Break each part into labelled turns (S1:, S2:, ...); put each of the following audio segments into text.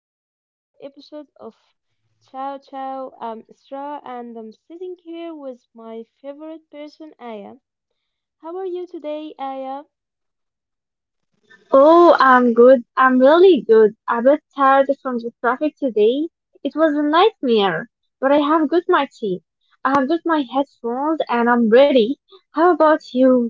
S1: to another episode of Ciao Ciao. I'm Isra and I'm sitting here with my favorite person, Aya. How are you today, Aya?
S2: Oh, I'm good. I'm really good. A bit tired from the traffic today. It was a nightmare, but I have got my tea. I have got my headphones and I'm ready. How about you?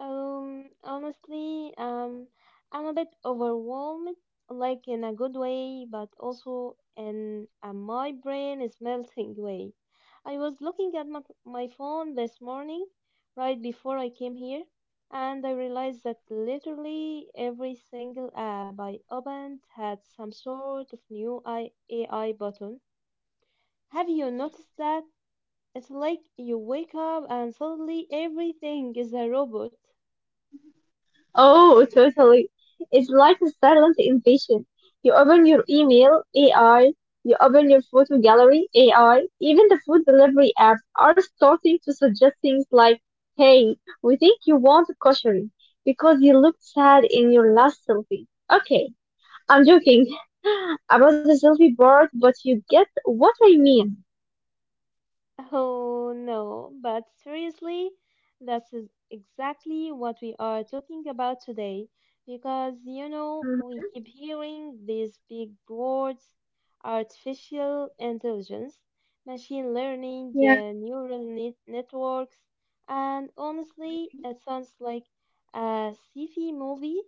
S1: Honestly, I'm a bit overwhelmed, like in a good way, but also in a my brain is melting way. I was looking at my phone this morning, right before I came here, and I realized that literally every single app I opened had some sort of new I A I button. Have you noticed that? It's like you wake up and suddenly everything is a robot.
S2: Oh, totally. It's like a silent invasion. You open your email, AI. You open your photo gallery, AI. Even the food delivery apps are starting to suggest things like, hey, we think you want kosher because you looked sad in your last selfie. Okay. I'm joking about the selfie part, but you get what I mean.
S1: Oh no, but seriously, that's exactly what we are talking about today because you know we
S2: Mm-hmm.
S1: keep hearing these big words: artificial intelligence, machine learning,
S2: Yeah.
S1: neural networks, and honestly,
S2: Mm-hmm.
S1: it sounds like a sci-fi movie.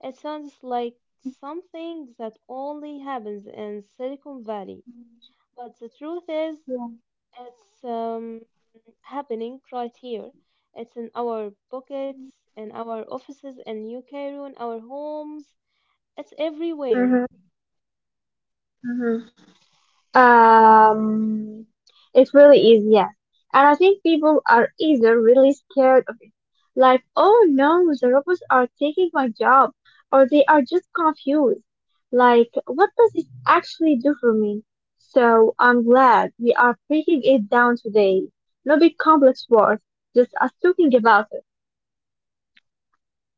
S1: It sounds like something that only happens in Silicon Valley. But the truth is,
S2: Yeah.
S1: it's happening right here. It's in our pockets, in our offices in New Cairo, in our homes. It's everywhere.
S2: Mm-hmm. Mm-hmm. Um, it really is, yes. And I think people are either really scared of it, like, oh no, the robots are taking my job, or they are just confused, like, what does this actually do for me? So I'm glad we are breaking it down today. No big complex wars, just us talking about it.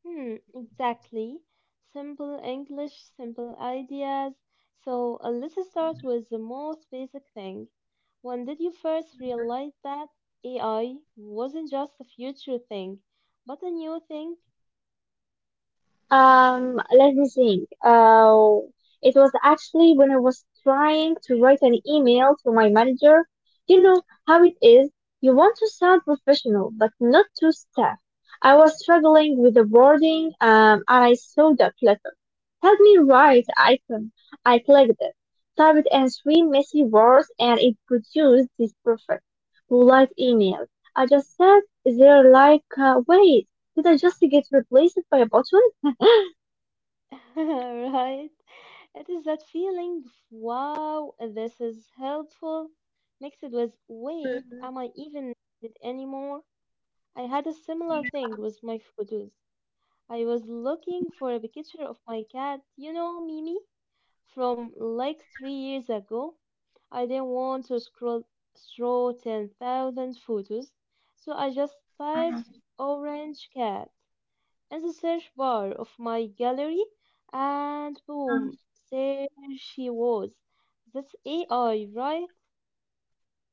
S1: Hmm, exactly. Simple English, simple ideas. So let's start
S2: Yeah.
S1: with the most basic thing. When did you first
S2: hmm
S1: realize that AI wasn't just a future thing, but a new thing?
S2: Let me think. It was actually when I was trying to write an email to my manager. You know how it is. You want to sound professional, but not too staff. I was struggling with the wording, and I saw that letter. Help me write icon. I clicked it, typed in three messy words, and it produced this perfect, polite email. I just sat there like, wait, did I just get replaced by a bot?"
S1: Right? It is that feeling of wow, this is helpful, mixed with wait,
S2: Mm-hmm.
S1: am I even needed anymore? I had a similar thing
S2: Yeah.
S1: with my photos. I was looking for
S2: Mm-hmm.
S1: a picture of my cat, you know, Mimi,
S2: Yeah.
S1: from like three
S2: Mm-hmm.
S1: years ago. I didn't want to scroll through 10,000 photos, so I just typed "orange cat" in the search bar of my gallery, and
S2: Um,
S1: boom, there she was. That's AI, right?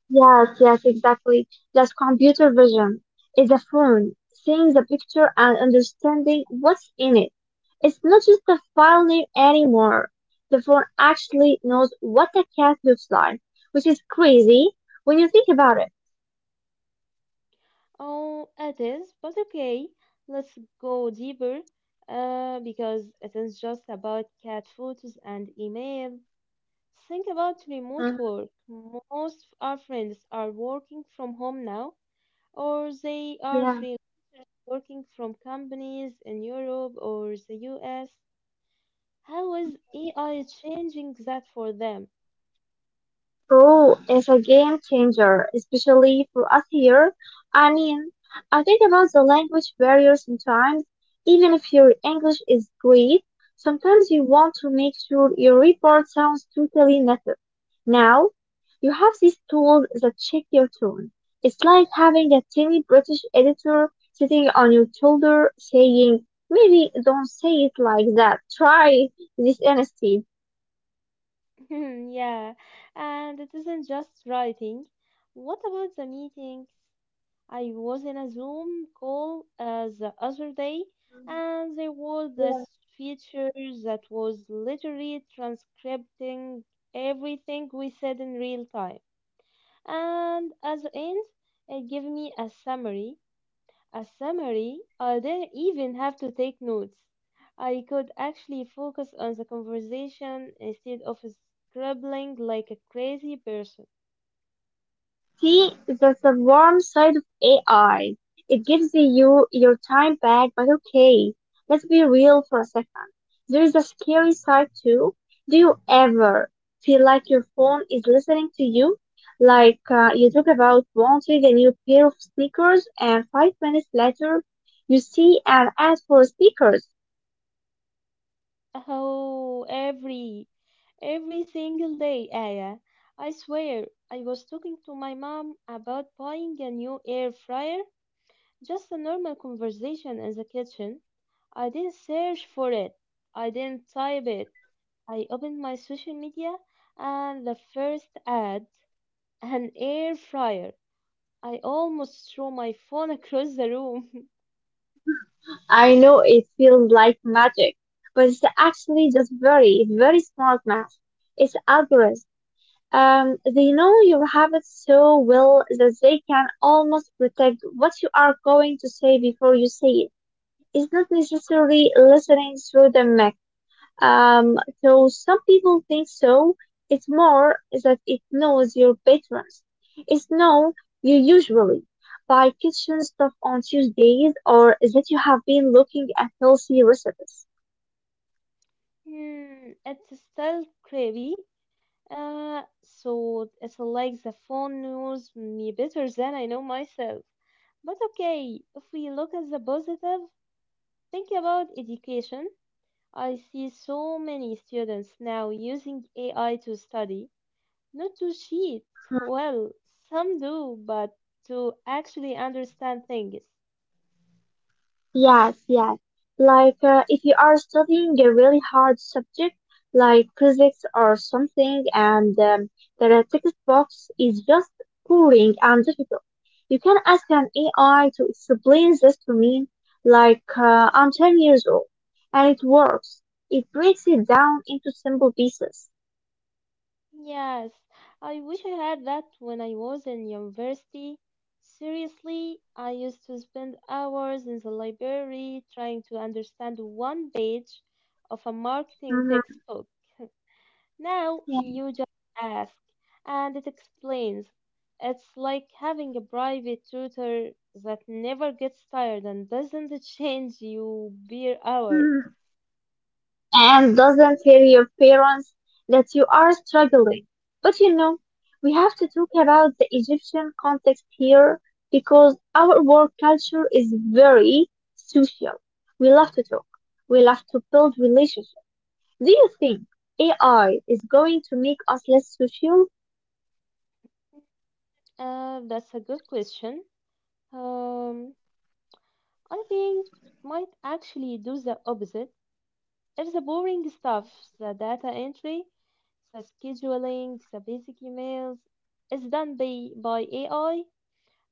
S2: yes, yes, exactly. Just computer vision is a phone, seeing the picture and understanding what's in it. It's not just a file name anymore. The phone actually knows what a cat looks like, which is crazy when you think about it.
S1: Oh, it is, but okay, let's go deeper, because it is just about cat photos and email. Think about remote
S2: hmm
S1: work. Most of our friends are working from home now, or they are
S2: Yeah.
S1: freelancers working from companies in Europe or the US. How is
S2: Mm-hmm.
S1: AI changing that for them?
S2: Pro is a game changer, especially for us here. I mean, I think about the language barrier sometimes. Even if your English is great, sometimes you want to make sure your report sounds totally native. Now, you have these tools that check your tone. It's like having a tiny British editor sitting on your shoulder saying, maybe don't say it like that. Try this instead.
S1: Yeah, and it isn't just writing. What about the meetings? I was in a Zoom call the other day, and there was this feature that was literally transcribing everything we said in real time. And at the end, it gave me a summary I didn't even have to take notes. I could actually focus on the conversation instead of scribbling like a crazy person.
S2: See, that's the warm side of AI. It gives you your time back, but okay, let's be real for a second. There is a scary side too. Do you ever feel like your phone is listening to you? Like, you talk about wanting a new pair of sneakers, and 5 minutes later, you see an ad for sneakers.
S1: Oh, every single day, Aya. I swear, I was talking to my mom about buying a new air fryer, just a normal conversation in the kitchen. I didn't search for it. I didn't type it.
S2: Yeah.
S1: I opened my social media, and the first ad: an air fryer. I almost threw my phone across the room.
S2: I know it feels like magic, but it's actually just very, very smart math. It's algorithm. They know your habits so well that they can almost predict what you are going to say before you say it. It's not necessarily listening through the mic. Though some people think so, it's more that it knows your patterns. It's know you usually buy kitchen stuff on Tuesdays or that you have been looking at healthy recipes.
S1: Hmm, it's still creepy. So it's like the phone knows me better than I know myself. But okay, if we look at the positive, think about education. I see so many students now using AI to study, not to cheat. Well, some do, but to actually understand things.
S2: Yes, yes. Like, if you are studying a really hard subject, like physics or something, and the text box is just boring and difficult, you can ask an AI to explain this to me. Like, I'm 10 years old, and it works. It breaks it down into simple pieces.
S1: Yes, I wish I had that when I was in university. Seriously, I used to spend hours in the library trying to understand one page of a marketing
S2: Mm-hmm.
S1: textbook. Now
S2: Yeah.
S1: you just ask, and it explains. It's like having a private tutor that never gets tired and doesn't change you per hour.
S2: And doesn't tell your parents that you are struggling. But you know, we have to talk about the Egyptian context here because our work culture is very social. We love to talk. We love to build relationships. Do you think AI is going to make us less social?
S1: That's a good question. Um, I think it might actually do the opposite. If the boring stuff, the data entry, the scheduling, the basic emails, is done by AI,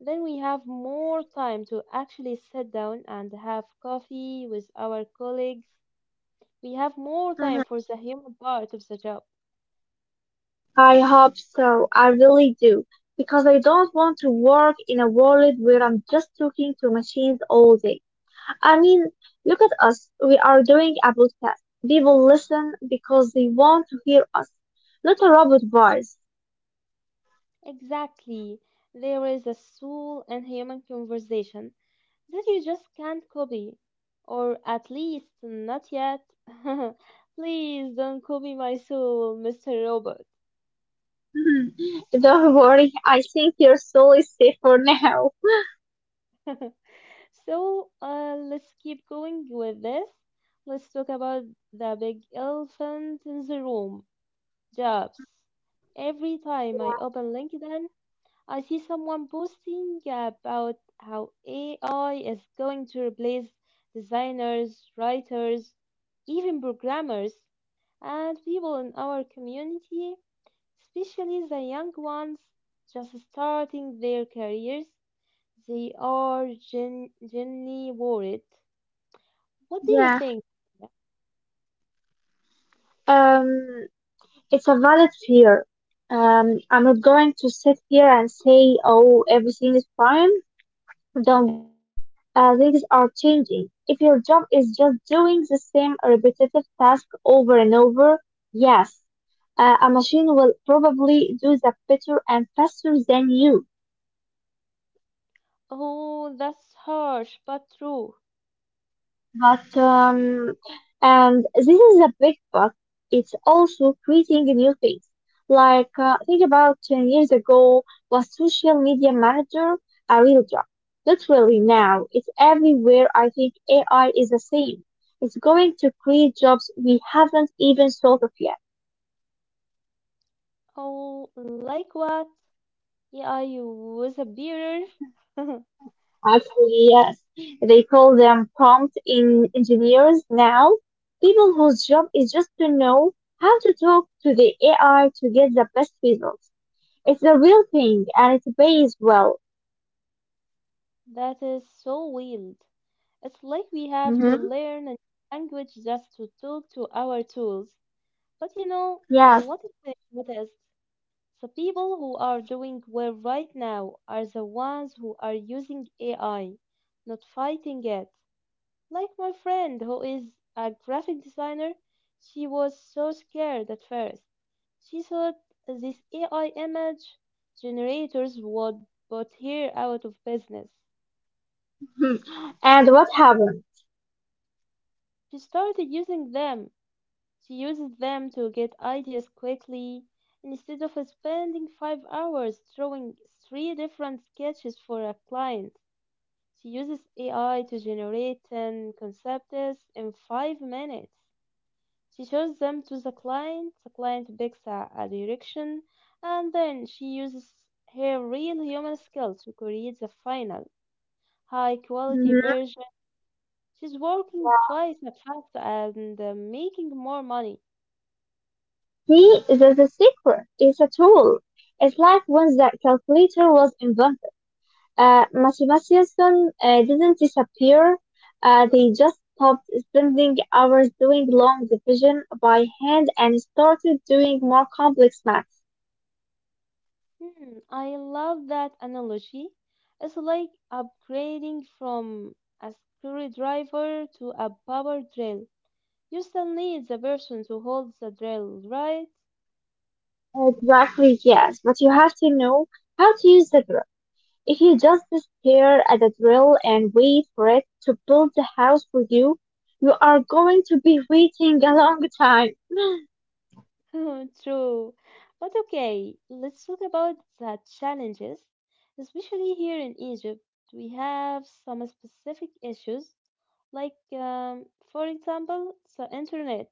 S1: then we have more time to actually sit down and have coffee with our colleagues. We have more time
S2: Mhm.
S1: for the human part of the job.
S2: I hope so. I really do. Because I don't want to work in a world where I'm just talking to machines all day. I mean, look at us. We are doing a podcast. People listen because they want to hear us, not a robot voice.
S1: Exactly. There is a soul and human conversation that you just can't copy, or at least not yet. Please don't copy my soul, Mr. Robot.
S2: Don't worry, I think your soul is safe for now.
S1: So let's keep going with this. Let's talk about the big elephant in the room: jobs.
S2: hmm
S1: Every time I
S2: Yeah.
S1: open LinkedIn, I see someone posting about how AI is going to replace designers, writers, even programmers. And people in our community, especially the young ones just starting their careers, they are genuinely worried. What do you
S2: Yeah.
S1: think?
S2: Um, it's a valid fear. I'm not going to sit here and say, oh, everything is fine. Don't worry. Things are changing. If your job is just doing the same repetitive task over and over, yes, a machine will probably do that better and faster than you.
S1: Oh, that's harsh but true.
S2: But, and this is a big but. It's also creating new things. Like, think about 10 years ago, was social media manager a real job? Literally now, it's everywhere. I think AI is the same. It's going to create jobs we haven't even thought of yet.
S1: Oh, like what? Yeah, are you a bearer?
S2: Actually, yes. They call them prompt in engineers now. People whose job is just to know how to talk to the AI to get the best results. It's a real thing and it pays well.
S1: That is so weird. It's like we have to
S2: Mm-hmm.
S1: learn a language just to talk to our tools. But you know,
S2: Yes.
S1: what is it? What is? The people who are doing well right now are the ones who are using AI, not fighting it. Like my friend who is a graphic designer, she was so scared at first. She thought these AI image generators would put her out of business.
S2: Hmm. And what happened?
S1: She started using them. She uses them to get ideas quickly. Instead of spending 5 hours drawing three different sketches for a client, she uses AI to generate 10 concepts in 5 minutes. She shows them to the client picks a direction, and then she uses her real human skills to create the final, high quality
S2: Mm-hmm.
S1: version. She's working
S2: Yeah.
S1: twice as fast and making more money.
S2: See, that's a secret. It's a tool. It's like when the calculator was invented. Mathematicians didn't disappear. They just stopped spending hours doing long division by hand and started doing more complex math.
S1: Hmm, I love that analogy. It's like upgrading from a screwdriver to a power drill. You still need the person to hold the drill, right?
S2: Exactly, yes, but you have to know how to use the drill. If you just stare at the drill and wait for it to build the house for you, you are going to be waiting a long time.
S1: True. But okay, let's talk about the challenges. Especially here in Egypt, we have some specific issues, like, for example, the internet.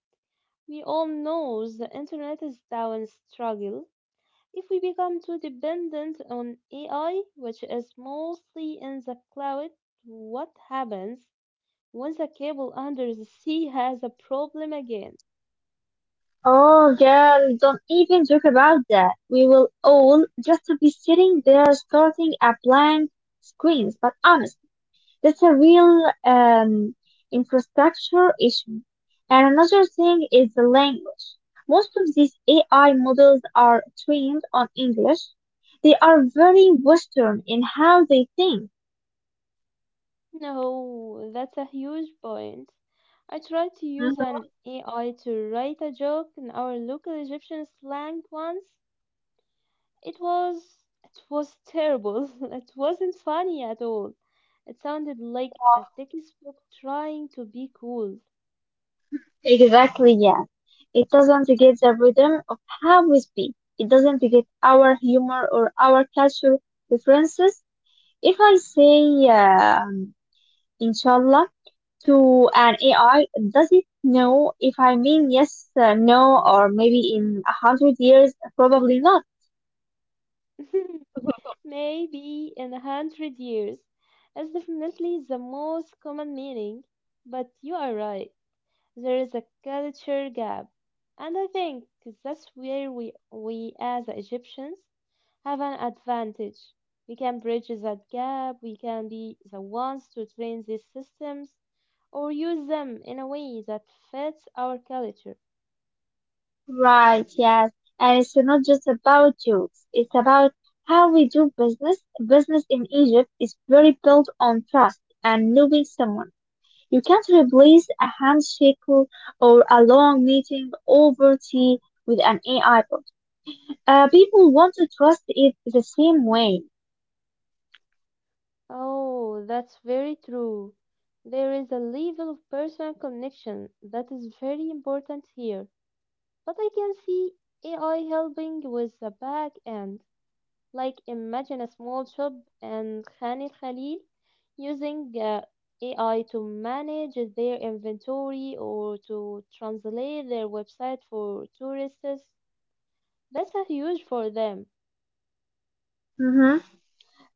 S1: We all know the internet is down struggle. If we become too dependent on AI, which is mostly in the cloud, what happens? Once the cable under the sea has a problem again.
S2: Oh, girl, don't even joke about that. We will all just be sitting there starting at blank screens. But honest, that's a real infrastructure issue. And another thing is the language. Most of these AI models are trained on English. They are very Western in how they think.
S1: No, that's a huge point. I tried to use
S2: Mm-hmm.
S1: an AI to write a joke in our local Egyptian slang once. It was it was terrible. It wasn't funny at all. It sounded like a
S2: Yeah,
S1: textbook trying to be cool.
S2: exactly. Yeah. It doesn't get the rhythm of how we speak. It doesn't get our humor or our cultural differences. If I say, inshallah, to an AI, does it know if I mean yes, no, or maybe in 100 years? Probably not.
S1: Maybe in 100 years. It's definitely the most common meaning, but you are right. There is a culture gap. And I think that's where we as Egyptians have an advantage. We can bridge that gap, we can be the ones to train these systems or use them in a way that fits our culture.
S2: Right, yes. And it's not just about jokes. It's about how we do business. Business in Egypt is very built on trust and knowing someone. You can't replace a handshake or a long meeting over tea with an AI bot. People want to trust it the same way.
S1: Oh, that's very true. There is a level of personal connection that is very important here. But I can see AI helping with the back end. Like, imagine a small shop in Khan al-Khalil using AI to manage their inventory or to translate their website for tourists. That's a huge for them.
S2: Mm-hmm.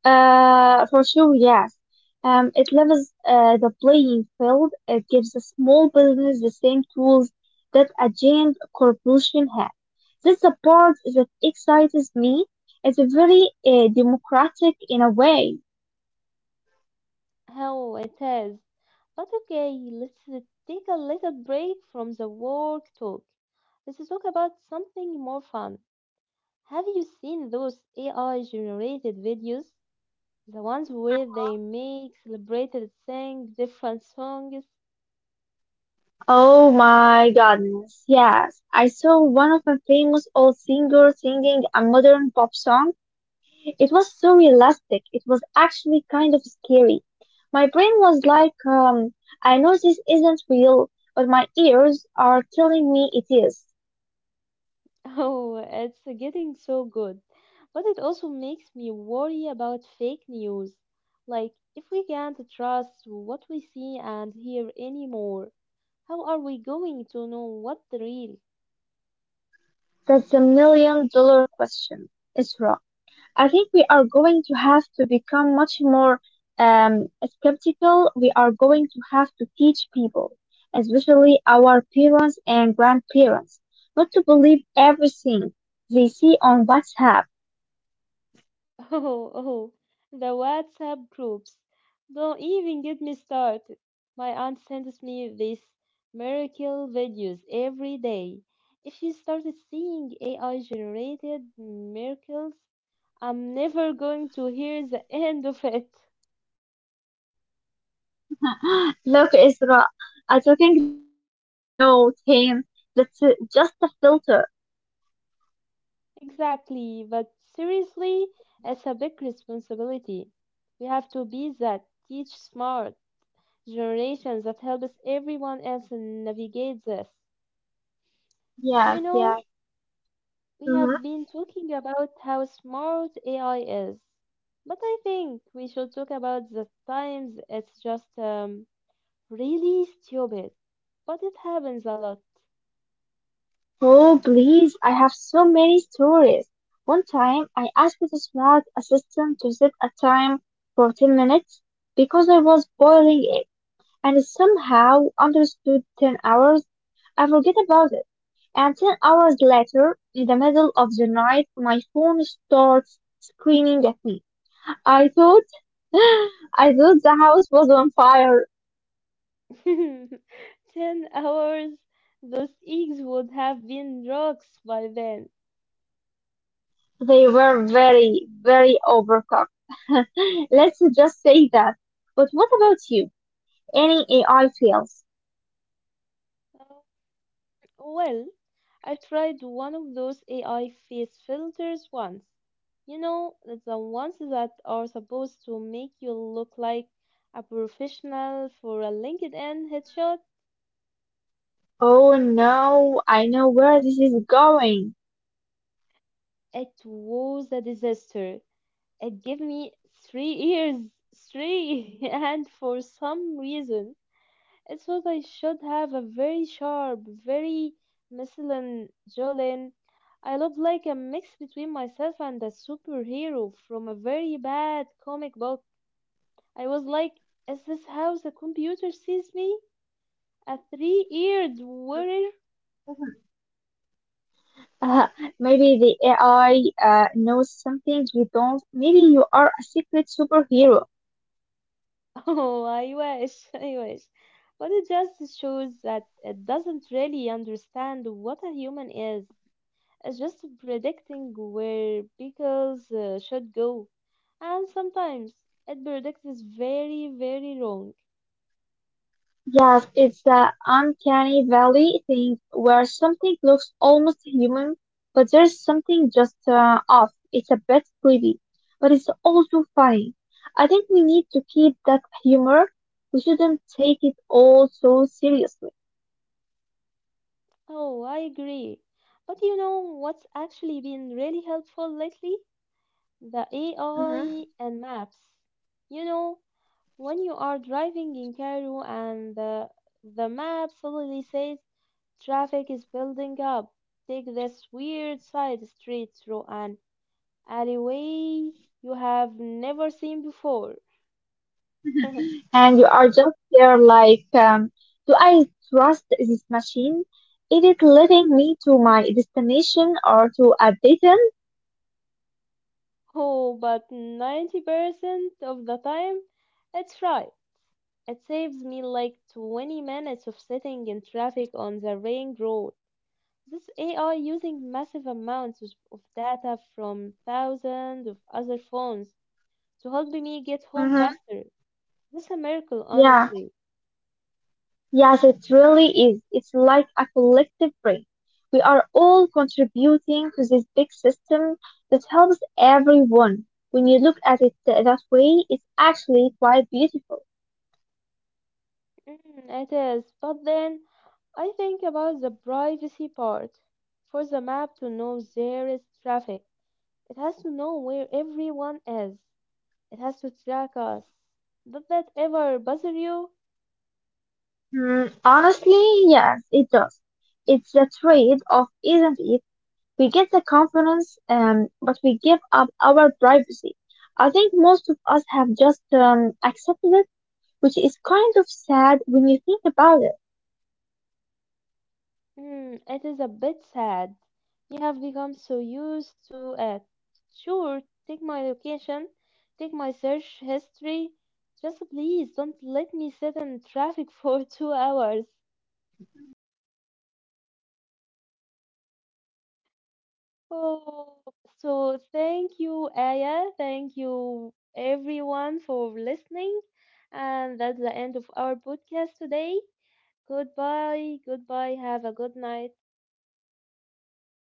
S2: For sure, yes. It levels the playing field. It gives a small business the same tools that a giant corporation has. That's the part that excites me. It's very democratic in a way.
S1: How it has. But okay, let's take a little break from the work talk. Let's talk about something more fun. Have you seen those AI generated videos? The ones where they make celebrities sing different songs?
S2: Oh my goodness, yes. I saw one of my famous old singers singing a modern pop song. It was so realistic. It was actually kind of scary. My brain was like, I know this isn't real, but my ears are telling me it is.
S1: Oh, it's getting so good. But it also makes me worry about fake news. Like, if we can't trust what we see and hear anymore, how are we going to know what the real?
S2: That's a $1 million question. It's wrong. I think we are going to have to become much more skeptical. We are going to have to teach people, especially our parents and grandparents, not to believe everything they see on WhatsApp.
S1: Oh, oh, the WhatsApp groups. Don't even get me started. My aunt sends me these miracle videos every day. If you started seeing AI generated miracles, I'm never going to hear the end of it.
S2: Look, Isra, I do lemon. No, Tim, that's just a filter.
S1: Exactly, but seriously, it's a
S2: Mm,
S1: big responsibility. We have to be that teach smart generation that helps everyone else navigate this. You know,
S2: yes, yes.
S1: we have been
S2: Mm-hmm.
S1: talking about how smart AI is, but I think we should talk about the times it's just really stupid. But it happens a lot.
S2: Oh, please, I have so many stories. One time, I asked the smart assistant to set a time for 10 minutes because I was boiling egg and it somehow understood 10 hours. I forget about it. And 10 hours later, in the middle of the night, my phone starts screaming at me. I thought, I thought the house was on fire.
S1: 10 hours? Those eggs would have been rocks by then.
S2: They were very, very overcooked. Let's just say that. But what about you? Any AI fails?
S1: Uh, Well, I tried one of those AI face filters once. You know, the ones that are supposed to make you look like a professional for a LinkedIn headshot.
S2: Oh no, I know where this is going.
S1: It was a disaster. It gave me three ears, three, and for some reason, it thought I should have a very sharp, very masculine jawline. I looked like a mix between myself and a superhero from a very bad comic book. I was like, is this how the computer sees me? A three-eared warrior?
S2: Mhm. Uh, maybe the AI knows something you don't. Maybe you are a secret superhero.
S1: Oh, I wish, I wish. But it just shows that it doesn't really understand what a human is. It's just predicting where pickles should go. And sometimes it predicts is very, very wrong.
S2: Yes, it's the uncanny valley thing where something looks almost human, but there's something just off. It's a bit creepy, but it's also funny. I think we need to keep that humor. We shouldn't take it all so seriously.
S1: Oh, I agree. But you know what's actually been really helpful lately? The
S2: hmm
S1: AI and maps. You know, when you are driving in Cairo and the map suddenly says traffic is building up, take this weird side street through an alleyway you have never seen before.
S2: And you are just there like, do I trust this machine? Is it leading me to my destination or to a dead end?
S1: Oh, but 90% of the time, it's right. It saves me like 20 minutes of sitting in traffic on the ring road. This AI using massive amounts of data from thousands of other phones to help me get home
S2: hmm
S1: faster. This a miracle,
S2: Yeah.
S1: honestly.
S2: Yes, it really is. It's like a collective brain. We are all contributing to this.
S1: It is, but then I think about the privacy part. For the map to know there is traffic, it has to know where everyone is. It has to track us. Did that ever bother you? It is a bit sad. We have become so used to it. Sure, take my location, take my search history. Just please don't let me sit in traffic for 2 hours. Oh, so thank you, Aya. Thank you, everyone, for listening. And that's the end of our podcast today. Goodbye. Goodbye. Have a good night.